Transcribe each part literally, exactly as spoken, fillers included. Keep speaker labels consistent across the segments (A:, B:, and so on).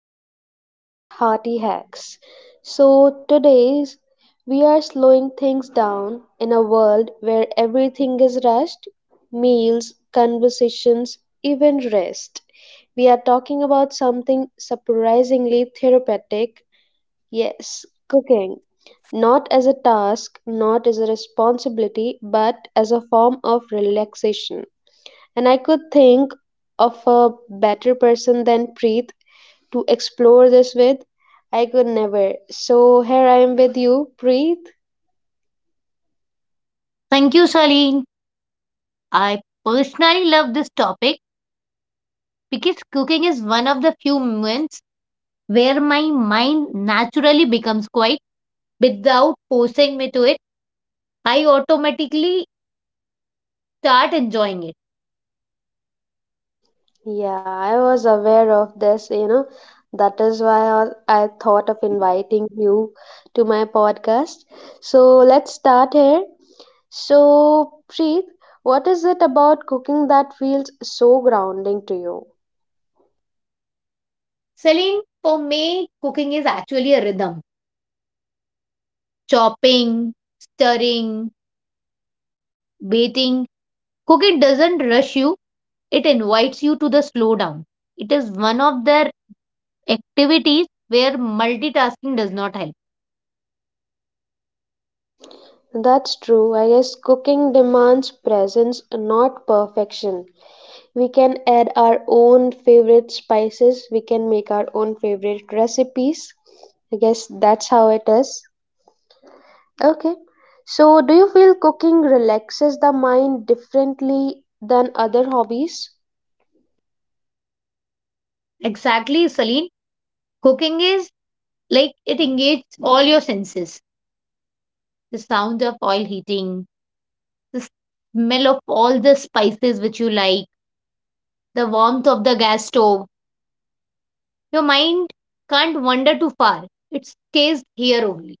A: to the podcast Hearty Hacks. So, today's we are slowing things down in a world where everything is rushed meals, conversations, even rest. We are talking about something surprisingly therapeutic, yes, cooking. Not as a task, not as a responsibility, but as a form of relaxation, and I could think of a better person than Preet to explore this with. I could never. So here I am with you, Preet.
B: Thank you, Shaleen. I personally love this topic because cooking is one of the few moments where my mind naturally becomes quiet without forcing me to it. I automatically start enjoying it.
A: Yeah, I was aware of this, you know. That is why I I thought of inviting you to my podcast. So let's start here. So, Preet, what is it about cooking that feels so grounding to you?
B: Shaleen, for me, cooking is actually a rhythm. Chopping, stirring, waiting. Cooking doesn't rush you, it invites you to the slowdown. It is one of their activities where multitasking does not help.
A: That's true. I guess cooking demands presence, not perfection. We can add our own favorite spices. We can make our own favorite recipes. I guess that's how it is. Okay, so do you feel cooking relaxes the mind differently than other hobbies?
B: Exactly, Celine. Cooking is like it engages all your senses, the sound of oil heating, the smell of all the spices which you like, the warmth of the gas stove. Your mind can't wander too far, it stays here only.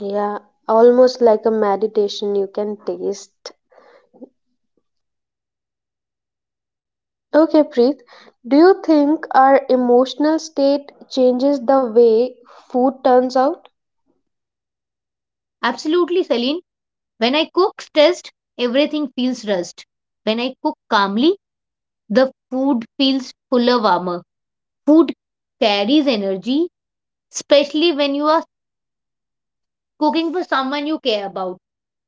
A: Yeah, almost like a meditation you can taste. Okay, Preet, do you think our emotional state changes the way food turns out?
B: Absolutely, Celine. When I cook stressed, everything feels rushed. When I cook calmly, the food feels fuller, warmer. Food carries energy, especially when you are cooking for someone you care about,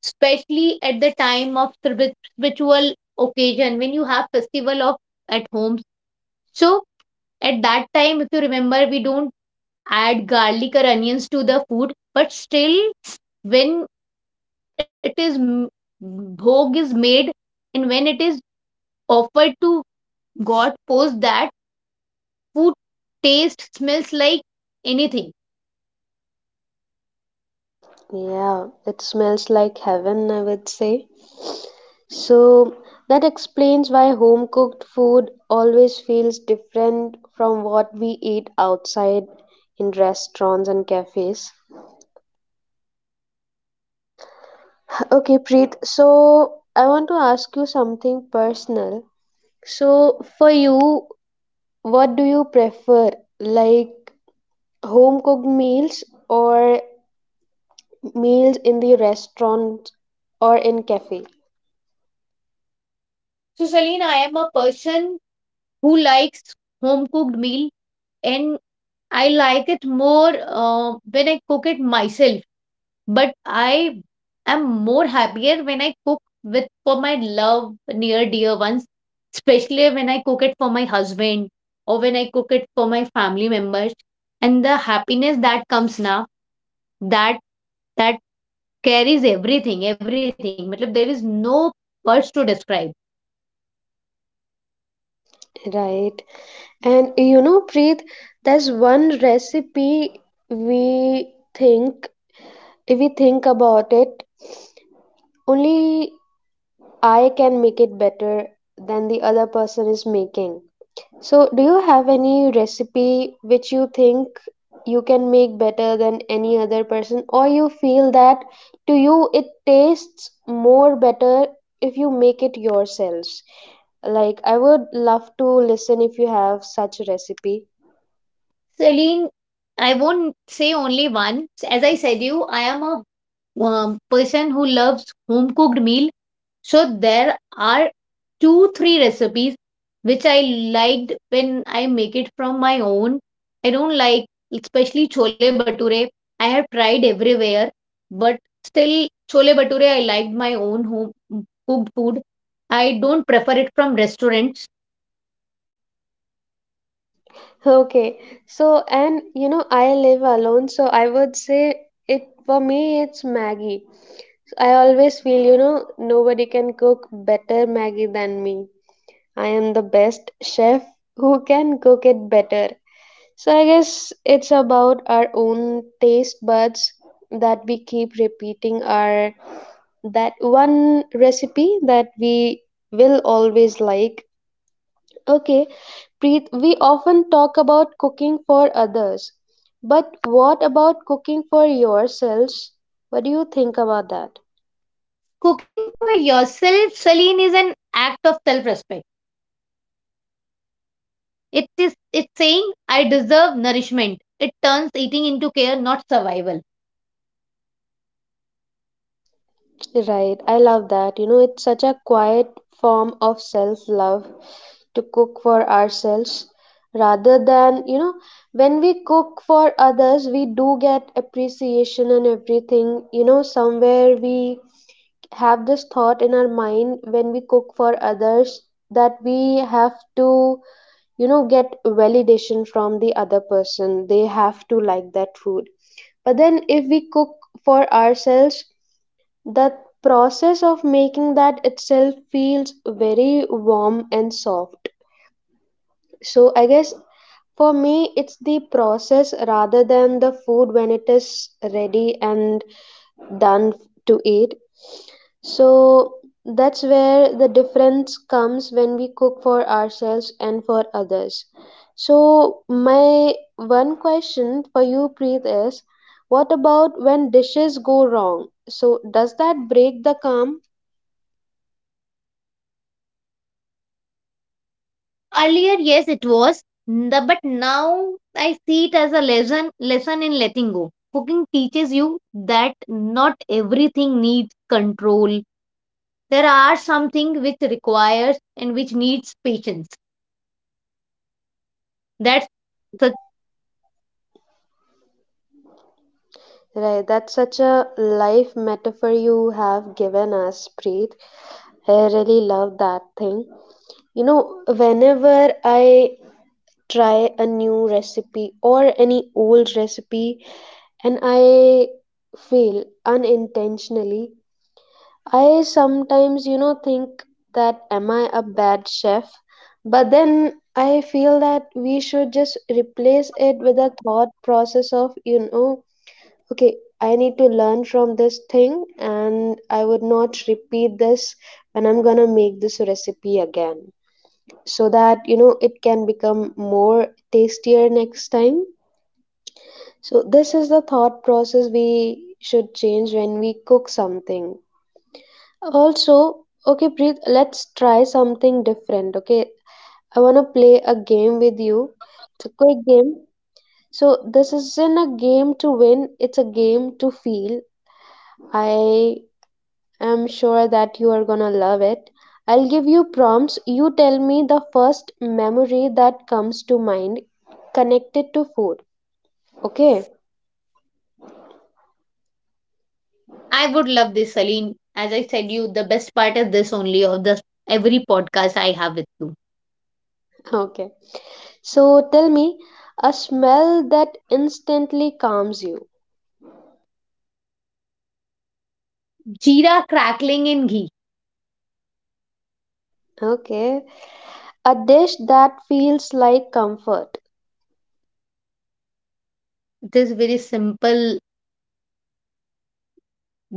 B: especially at the time of spiritual spiritual occasion when you have festival of at home. So at that time, if you remember, we don't add garlic or onions to the food, but still when it is m- bhog is made and when it is offered to god, post that food taste smells like anything.
A: Yeah, it smells like heaven, I would say. So that explains why home cooked food always feels different from what we eat outside in restaurants and cafes. Okay, Preet, so I want to ask you something personal. So for you, what do you prefer? Like home cooked meals or meals in the restaurant or in cafe?
B: So Celine, I am a person who likes home cooked meal, and I like it more uh, when I cook it myself, but I am more happier when I cook with for my love near dear ones, especially when I cook it for my husband or when I cook it for my family members. And the happiness that comes now, that that carries everything, everything. Matlab, there is no words to describe.
A: Right. And you know, Preet, there's one recipe we think, if we think about it, only I can make it better than the other person is making. So, do you have any recipe which you think you can make better than any other person, or you feel that to you it tastes more better if you make it yourselves? Like, I would love to listen if you have such a recipe.
B: Celine, I won't say only one. As I said you, I am a um, person who loves home cooked meal. So there are two, three recipes which I liked when I make it from my own. I don't like, especially chole bature. I have tried everywhere, but still chole bature. I liked my own home mm, cooked food. I don't prefer it from restaurants.
A: Okay. So, and you know, I live alone, so I would say it for me, it's Maggie. So, I always feel, you know, nobody can cook better Maggie than me. I am the best chef who can cook it better. So, I guess it's about our own taste buds that we keep repeating our that one recipe that we will always like. Okay, Preet, we often talk about cooking for others, but what about cooking for yourselves? What do you think about that?
B: Cooking for yourself, Celine, is an act of self respect. It is it's saying I deserve nourishment. It turns eating into care, not survival.
A: Right, I love that. You know, it's such a quiet form of self love to cook for ourselves rather than, you know, when we cook for others, we do get appreciation and everything. You know, somewhere we have this thought in our mind when we cook for others that we have to, you know, get validation from the other person. They have to like that food. But then if we cook for ourselves, the process of making that itself feels very warm and soft. So I guess for me it's the process rather than the food when it is ready and done to eat. So that's where the difference comes when we cook for ourselves and for others. So, my one question for you, Preet, is what about when dishes go wrong? So, does that break the calm?
B: Earlier, yes, it was, n- the- but now I see it as a lesson lesson in letting go. Cooking teaches you that not everything needs control. There are something which requires and which needs patience. That's the,
A: Right, that's such a life metaphor you have given us, Preet. I really love that thing. You know, whenever I try a new recipe or any old recipe and I feel unintentionally, I sometimes, you know, think that am I a bad chef? But then I feel that we should just replace it with a thought process of, you know, okay, I need to learn from this thing and I would not repeat this when I'm gonna make this recipe again, so that you know it can become more tastier next time. So this is the thought process we should change when we cook something. Also, okay, Preet, let's try something different. Okay, I want to play a game with you. It's a quick game. So, this isn't a game to win, it's a game to feel. I I'm sure that you are gonna love it. I'll give you prompts. You tell me the first memory that comes to mind connected to food. Okay?
B: I would love this, Celine. As I said, you the best part is this only of the every podcast I have with you.
A: Okay. So tell me a smell that instantly calms you.
B: Jeera crackling in ghee.
A: Okay. A dish that feels like comfort.
B: It is very simple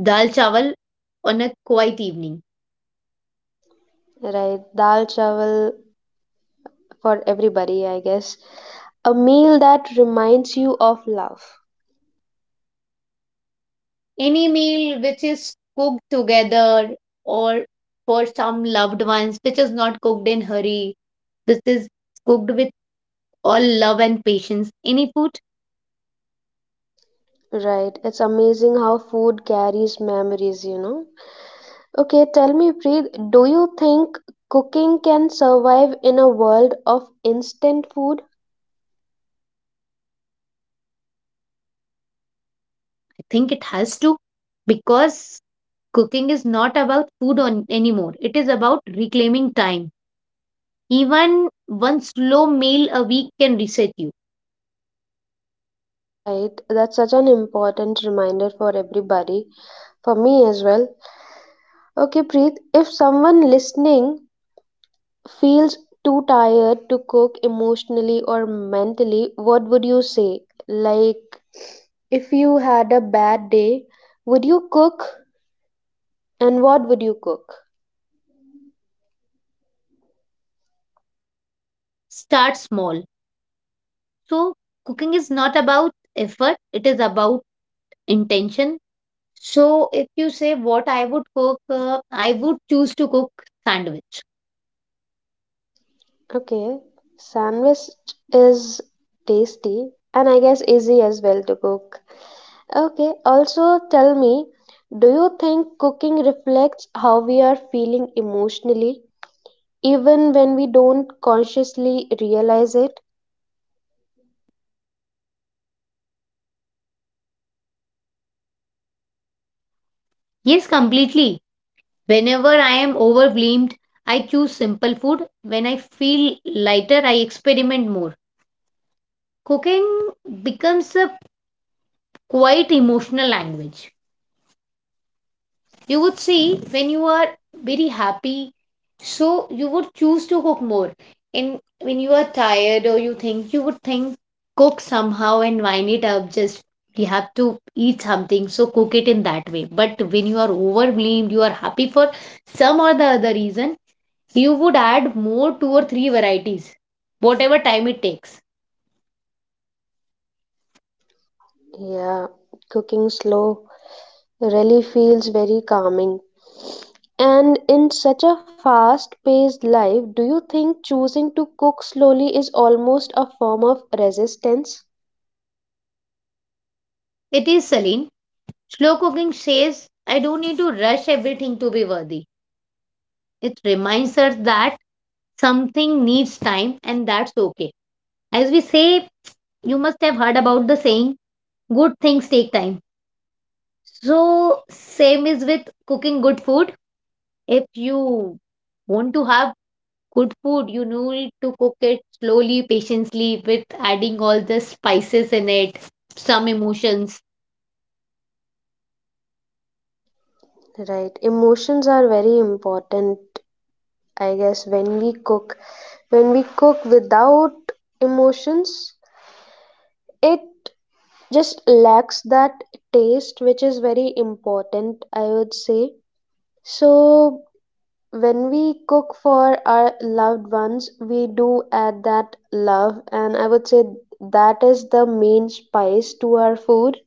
B: dal chawal on a quiet evening.
A: Right. Dal chawal for everybody, I guess. A meal that reminds you of love.
B: Any meal which is cooked together or for some loved ones, which is not cooked in hurry, this is cooked with all love and patience. Any food,
A: Right. It's amazing how food carries memories, you know. Okay, tell me, Preet, do you think cooking can survive in a world of instant food?
B: I think it has to, because cooking is not about food on anymore. It is about reclaiming time. Even one slow meal a week can reset you.
A: Right, that's such an important reminder for everybody, for me as well. Okay, Preet, if someone listening feels too tired to cook emotionally or mentally, what would you say? Like, if you had a bad day, would you cook and what would you cook?
B: Start small. So cooking is not about effort. It is about intention. So if you say what I would cook, uh, I would choose to cook sandwich.
A: Okay, sandwich is tasty and I guess easy as well to cook. Okay, also tell me, do you think cooking reflects how we are feeling emotionally, even when we don't consciously realize it?
B: Yes, completely. Whenever I am overwhelmed, I choose simple food. When I feel lighter, I experiment more. Cooking becomes a quite emotional language. You would see when you are very happy, so you would choose to cook more, and when you are tired, or you think you would think cook somehow and wind it up, just you have to eat something, so cook it in that way. But when you are overwhelmed, you are happy for some or the other reason, you would add more two or three varieties, whatever time it takes.
A: Yeah, cooking slow really feels very calming. And in such a fast-paced life, do you think choosing to cook slowly is almost a form of resistance?
B: It is, Celine, slow cooking says I don't need to rush everything to be worthy. It reminds us that something needs time and that's okay. As we say, you must have heard about the saying, good things take time. So same is with cooking good food. If you want to have good food, you need to cook it slowly, patiently, with adding all the spices in it, some emotions.
A: Right. Emotions are very important, I guess, when we cook. When we cook without emotions, it just lacks that taste, which is very important, I would say. So, when we cook for our loved ones, we do add that love, and I would say that is the main spice to our food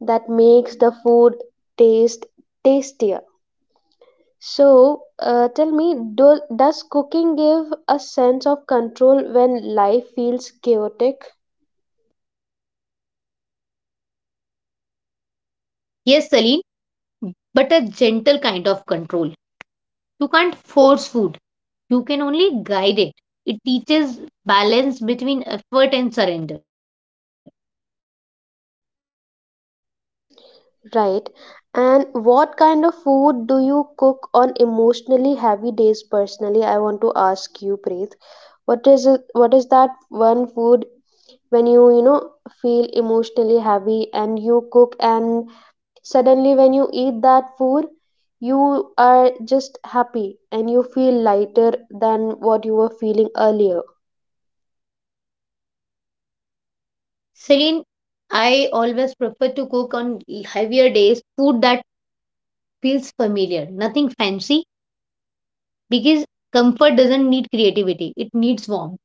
A: that makes the food taste tastier. So, uh, tell me, do, does cooking give a sense of control when life feels chaotic?
B: Yes, Celine, but a gentle kind of control. You can't force food, you can only guide it. It teaches balance between effort and surrender.
A: Right. And what kind of food do you cook on emotionally heavy days personally? I want to ask you, Preet. What is it, what is that one food when you, you know, feel emotionally heavy and you cook and suddenly when you eat that food, you are just happy and you feel lighter than what you were feeling earlier?
B: Celine, I always prefer to cook on heavier days food that feels familiar, nothing fancy, because comfort doesn't need creativity, it needs warmth.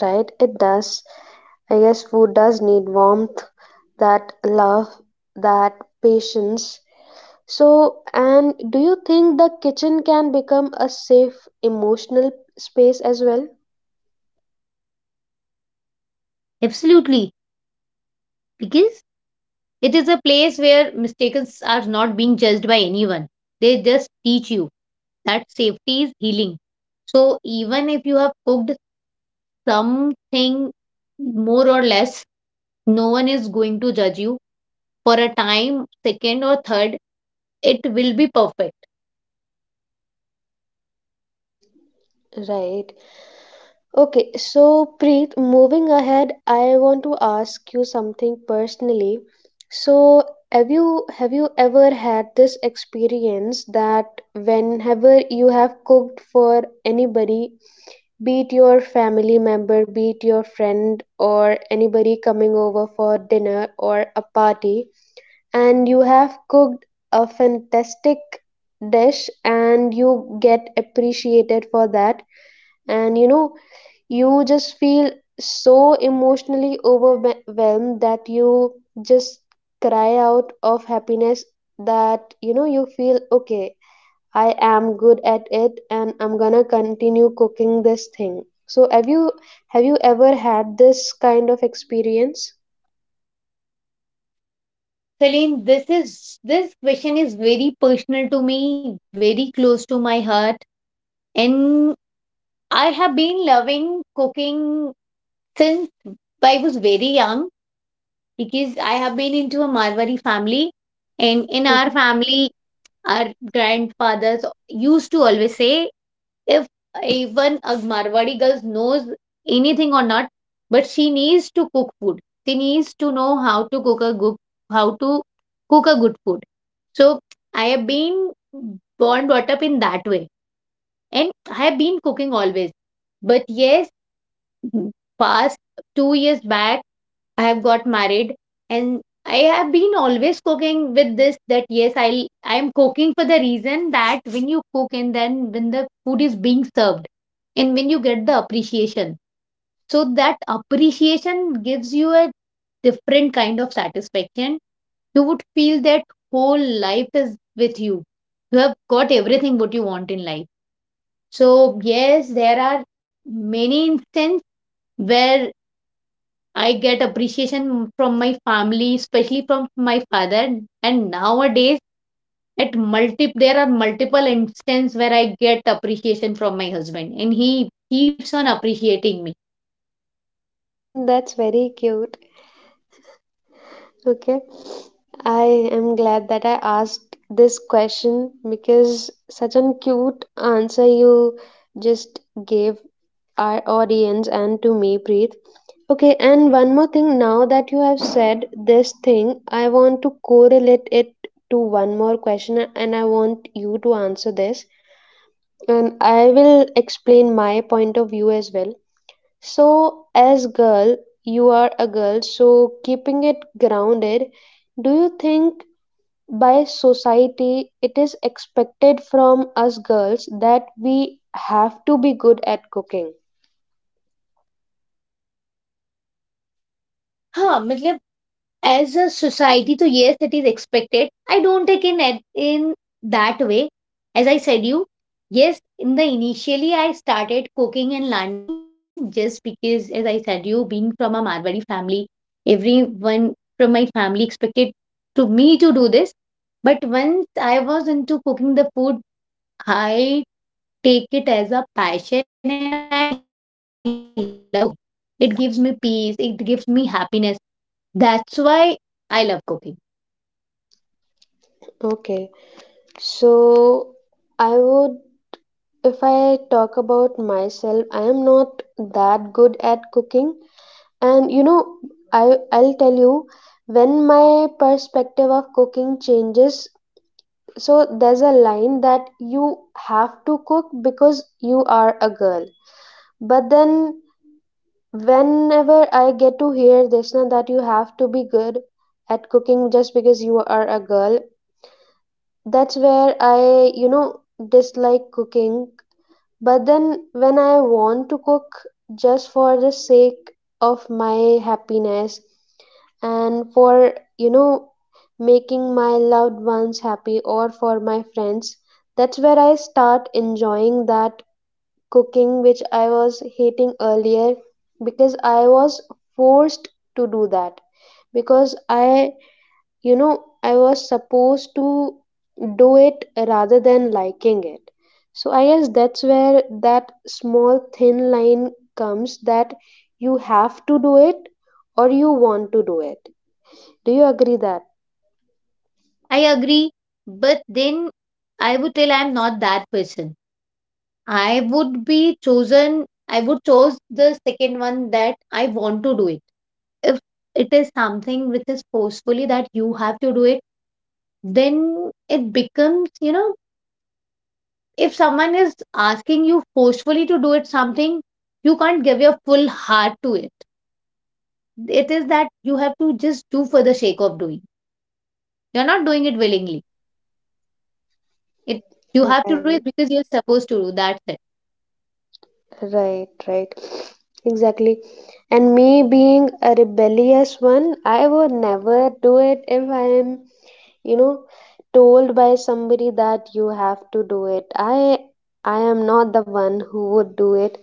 A: Right, it does. I guess food does need warmth, that love, that patience. So, and do you think the kitchen can become a safe emotional space as well?
B: Absolutely, because it is a place where mistakes are not being judged by anyone, they just teach you that safety is healing. So even if you have cooked something more or less, no one is going to judge you. For a time, second or third, it will be perfect.
A: Right. Okay, so Preet, moving ahead, I want to ask you something personally. So, have you have you ever had this experience that whenever you have cooked for anybody, be it your family member, be it your friend, or anybody coming over for dinner or a party, and you have cooked a fantastic dish and you get appreciated for that, and you know, you just feel so emotionally overwhelmed that you just cry out of happiness that you know you feel okay, I am good at it and I'm gonna continue cooking this thing. So have you have you ever had this kind of experience?
B: Celine, this is this question is very personal to me, very close to my heart, and I have been loving cooking since I was very young, because I have been into a Marwari family, and in our family, our grandfathers used to always say, if even a Marwari girl knows anything or not, but she needs to cook food. She needs to know how to cook a good, how to cook a good food. So I have been born, brought up in that way. And I have been cooking always. But yes, past two years back, I have got married, and I have been always cooking with this that yes, I'll I am cooking for the reason that when you cook and then when the food is being served and when you get the appreciation. So that appreciation gives you a different kind of satisfaction. You would feel that whole life is with you. You have got everything what you want in life. So yes, there are many instances where I get appreciation from my family, especially from my father. And nowadays, at multi, there are multiple instances where I get appreciation from my husband, and he keeps on appreciating me.
A: Mhm. That's very cute. Okay, I am glad that I asked this question because such an cute answer you just gave our audience and to me, Preet. Okay, and one more thing now that you have said this thing, I want to correlate it to one more question and I want you to answer this. And I will explain my point of view as well. So, as girl, you are a girl, so keeping it grounded, do you think by society it is expected from us girls that we have to be good at cooking?
B: हाँ मतलब, as a society, so yes, it is expected. I don't take in it in that way. As I said you, yes, in the initially I started cooking and learning just because, as I said you, being from a Marwari family, everyone from my family expected to me to do this. But once I was into cooking the food, I take it as a passion and I love cooking. It gives me peace, it gives me happiness. That's why I love cooking.
A: Okay. So, I would, if I talk about myself, I am not that good at cooking. And you know, I I'll tell you when my perspective of cooking changes. So there's a line that you have to cook because you are a girl, but then whenever I get to hear this now that you have to be good at cooking just because you are a girl, that's where I, you know, dislike cooking. But then when I want to cook just for the sake of my happiness and for, you know, making my loved ones happy or for my friends, that's where I start enjoying that cooking which I was hating earlier because I was forced to do that because I, you know, I was supposed to do it rather than liking it. So I guess that's where that small thin line comes, that you have to do it or you want to do it. Do you agree that?
B: I agree, but then I would tell I'm not that person. I would be chosen. I would choose the second one that I want to do it. If it is something which is forcefully that you have to do it, then it becomes, you know, if someone is asking you forcefully to do it something, you can't give your full heart to it. It is that you have to just do for the sake of doing. You're not doing it willingly. It you have to do it
A: Right,
B: because you're supposed to do that.
A: right, right. Exactly. And me being a rebellious one, I would never do it if I am, you know, told by somebody that you have to do it. I i am not the one who would do it.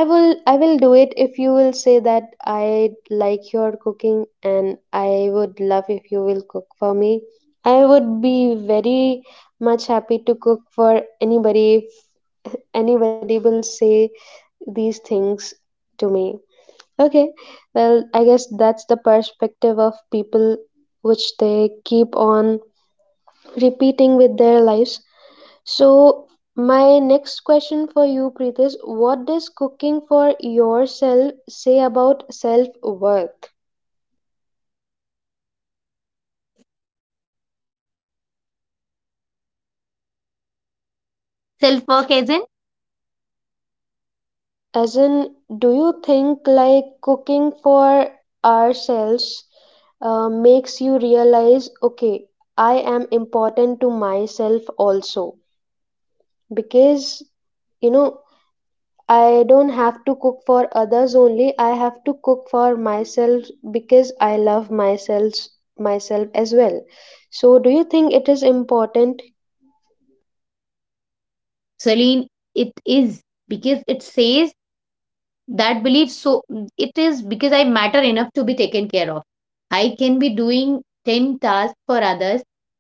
A: I will i will do it if you will say that I like your cooking and I would love if you will cook for me. I would be very much happy to cook for anybody if anybody will say these things to me. Okay, well, I guess that's the perspective of people which they keep on repeating with their lives. So, my next question for you, Preet, is what does cooking for yourself say about self worth?
B: Self work isn't
A: As in, do you think like cooking for ourselves uh, makes you realize, okay, I am important to myself also? Because, you know, I don't have to cook for others only. I have to cook for myself because I love myself myself as well. So do you think it is important?
B: Celine, it is because it says that belief. So it is because I matter enough to be taken care of. I can be doing ten tasks for others,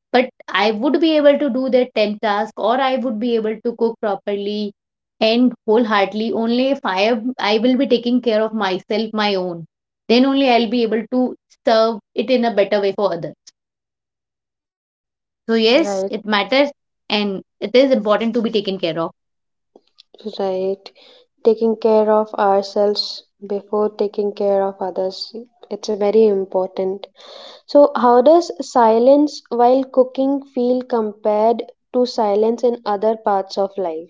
B: but I would be able to do that ten task or I would be able to cook properly and wholeheartedly only if I am, I will be taking care of myself, my own. Then only I'll be able to serve it in a better way for others. So yes, it
A: Right,
B: matters, and it is important to be taken care of.
A: right. Taking care of ourselves before taking care of others. It's very important. So how does silence while cooking feel compared to silence in other parts of life?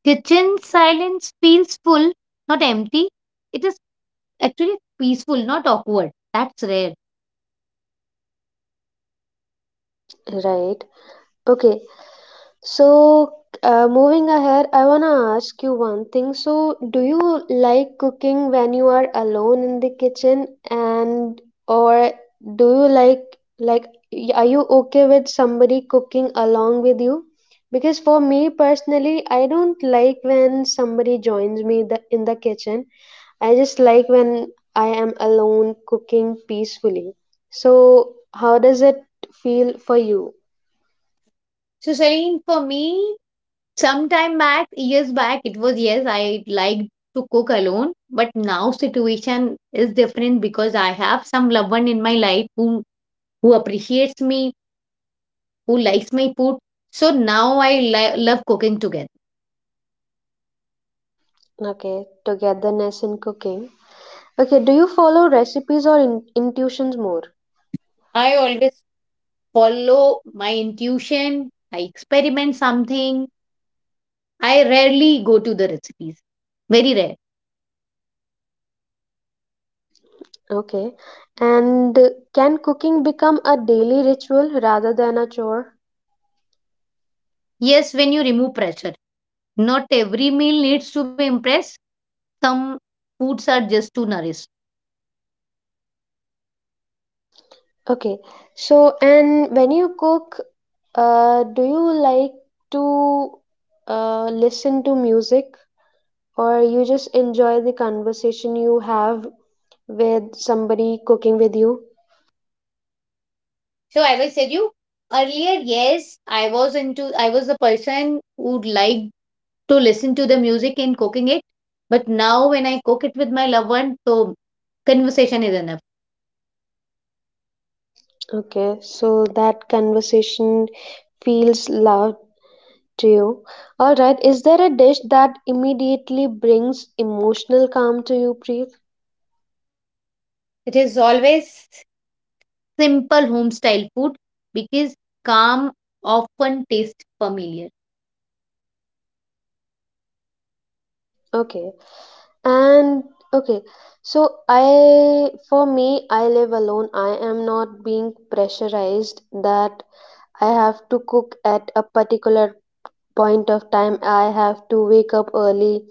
B: Kitchen silence feels full, not empty. It is actually peaceful, not awkward. That's rare.
A: Right. Okay, so, uh, moving ahead, I want to ask you one thing. So, do you like cooking when you are alone in the kitchen and or do you like like y- are you okay with somebody cooking along with you? Because for me personally, I don't like when somebody joins me the, in the kitchen. I just like when I am alone cooking peacefully. So, how does it feel for you?
B: So, Shireen, for me, sometime back, years back, it was yes, I liked to cook alone. But now situation is different because I have some loved one in my life who who appreciates me, who likes my food. So now I li- love cooking together.
A: Okay, togetherness in cooking. Okay, do you follow recipes or in- intuitions more?
B: I always follow my intuition. I experiment something, I rarely go to the recipes. Very rare.
A: Okay, and uh, can cooking become a daily ritual rather than a chore?
B: Yes, when you remove pressure. Not every meal needs to be impressed. Some foods are just to nourish.
A: Okay, so and when you cook, uh, do you like to uh, listen to music or you just enjoy the conversation you have with somebody cooking with you?
B: So as I said you earlier, yes, I was into I was the person who liked to listen to the music and cooking it. But now when I cook it with my loved one, so conversation is enough.
A: Okay, so that conversation feels loud to you. All right. Is there a dish that immediately brings emotional calm to you, Preet?
B: It is always simple home style food because calm often tastes familiar.
A: Okay. And okay. So I for me I live alone. I am not being pressurized that I have to cook at a particular point of time. I have to wake up early,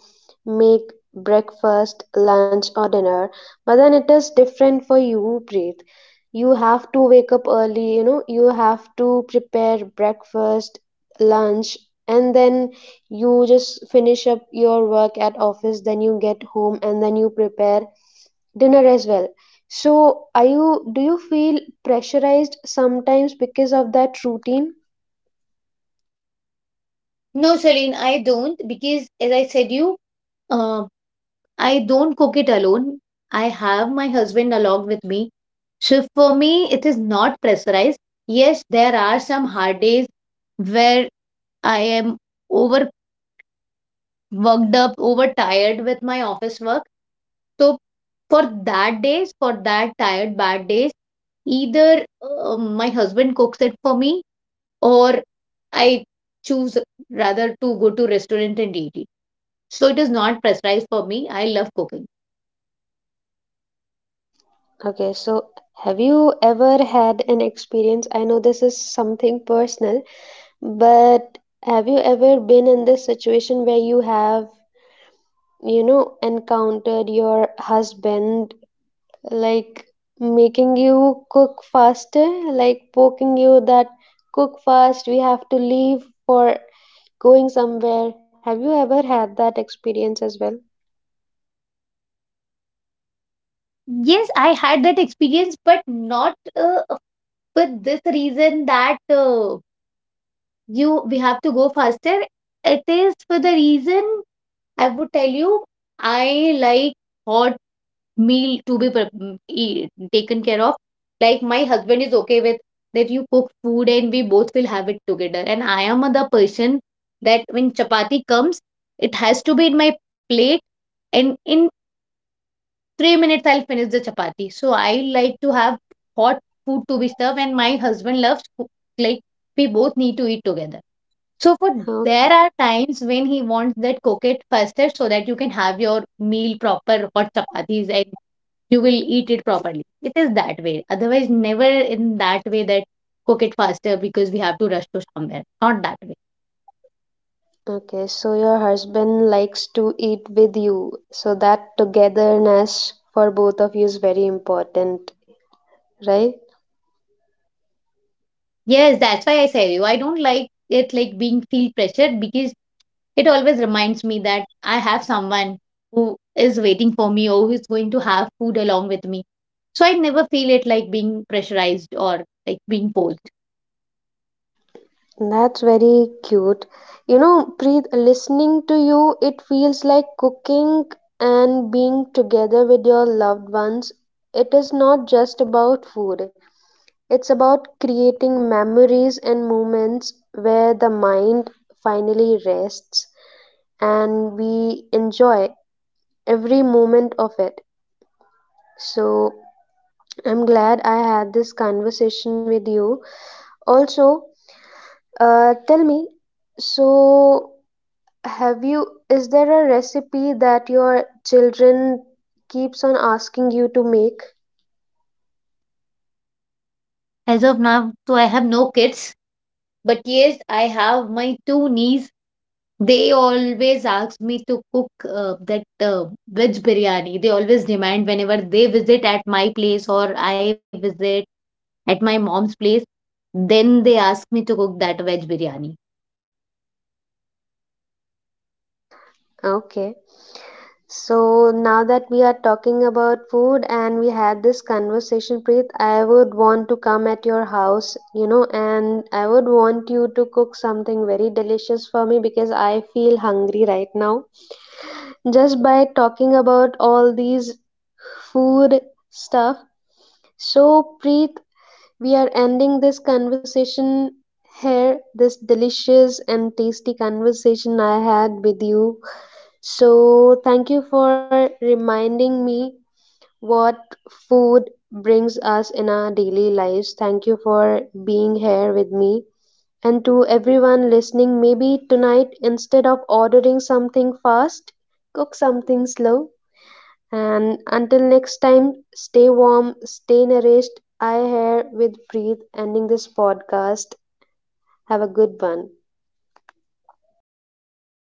A: make breakfast, lunch, or dinner. But then it is different for you, Preet. You have to wake up early, you know, you have to prepare breakfast, lunch, and then you just finish up your work at office, then you get home and then you prepare dinner as well. So, are you do you feel pressurized sometimes because of that routine?
B: No, Celine, I don't, because as I said you, uh, I don't cook it alone. I have my husband along with me. So for me, it is not pressurized. Yes, there are some hard days where I am overworked up, overtired with my office work. So for that days, for that tired, bad days, either uh, my husband cooks it for me, or I choose rather to go to restaurant and eat it. So it is not pressurized for me. I love cooking.
A: Okay, so have you ever had an experience? I know this is something personal, but have you ever been in this situation where you have, you know, encountered your husband like making you cook faster, like poking you that cook fast, we have to leave for going somewhere? Have you ever had that experience as well?
B: Yes, I had that experience, but not uh, for this reason that uh, you we have to go faster. It is for the reason, I would tell you, I like hot meal to be prep- mm, e- taken care of. Like my husband is okay with that you cook food and we both will have it together. And I am the person that when chapati comes, it has to be in my plate, and in three minutes I'll finish the chapati. So I like to have hot food to be served, and my husband loves coo- like we both need to eat together. So for there are times when he wants that cook it faster so that you can have your meal proper hot chapatis and you will eat it properly. It is that way. Otherwise, never in that way that cook it faster because we have to rush to somewhere. Not that way.
A: Okay, so your husband likes to eat with you. So that togetherness for both of you is very important, right?
B: Yes, that's why I say you. I don't like it like being feel pressured because it always reminds me that I have someone who is waiting for me or who is going to have food along with me. So I never feel it like being pressurized or like being forced.
A: That's very cute. You know, Preet, listening to you, it feels like cooking and being together with your loved ones. It is not just about food, it's about creating memories and moments where the mind finally rests and we enjoy every moment of it. So I'm glad I had this conversation with you. Also, uh, tell me, so have you, is there a recipe that your children keeps on asking you to make?
B: As of now, so I have no kids, but yes, I have my two niece. They always ask me to cook uh, that uh, veg biryani. They always demand whenever they visit at my place or I visit at my mom's place, then they ask me to cook that veg biryani.
A: Okay. So now that we are talking about food and we had this conversation, Preet, I would want to come at your house, you know, and I would want you to cook something very delicious for me because I feel hungry right now, just by talking about all these food stuff. So, Preet, we are ending this conversation here, this delicious and tasty conversation I had with you. So, thank you for reminding me what food brings us in our daily lives. Thank you for being here with me. And to everyone listening, maybe tonight instead of ordering something fast, cook something slow, and until next time, stay warm, stay nourished. I here with Preet ending this podcast. Have a good one.
B: Thank you, Celine, for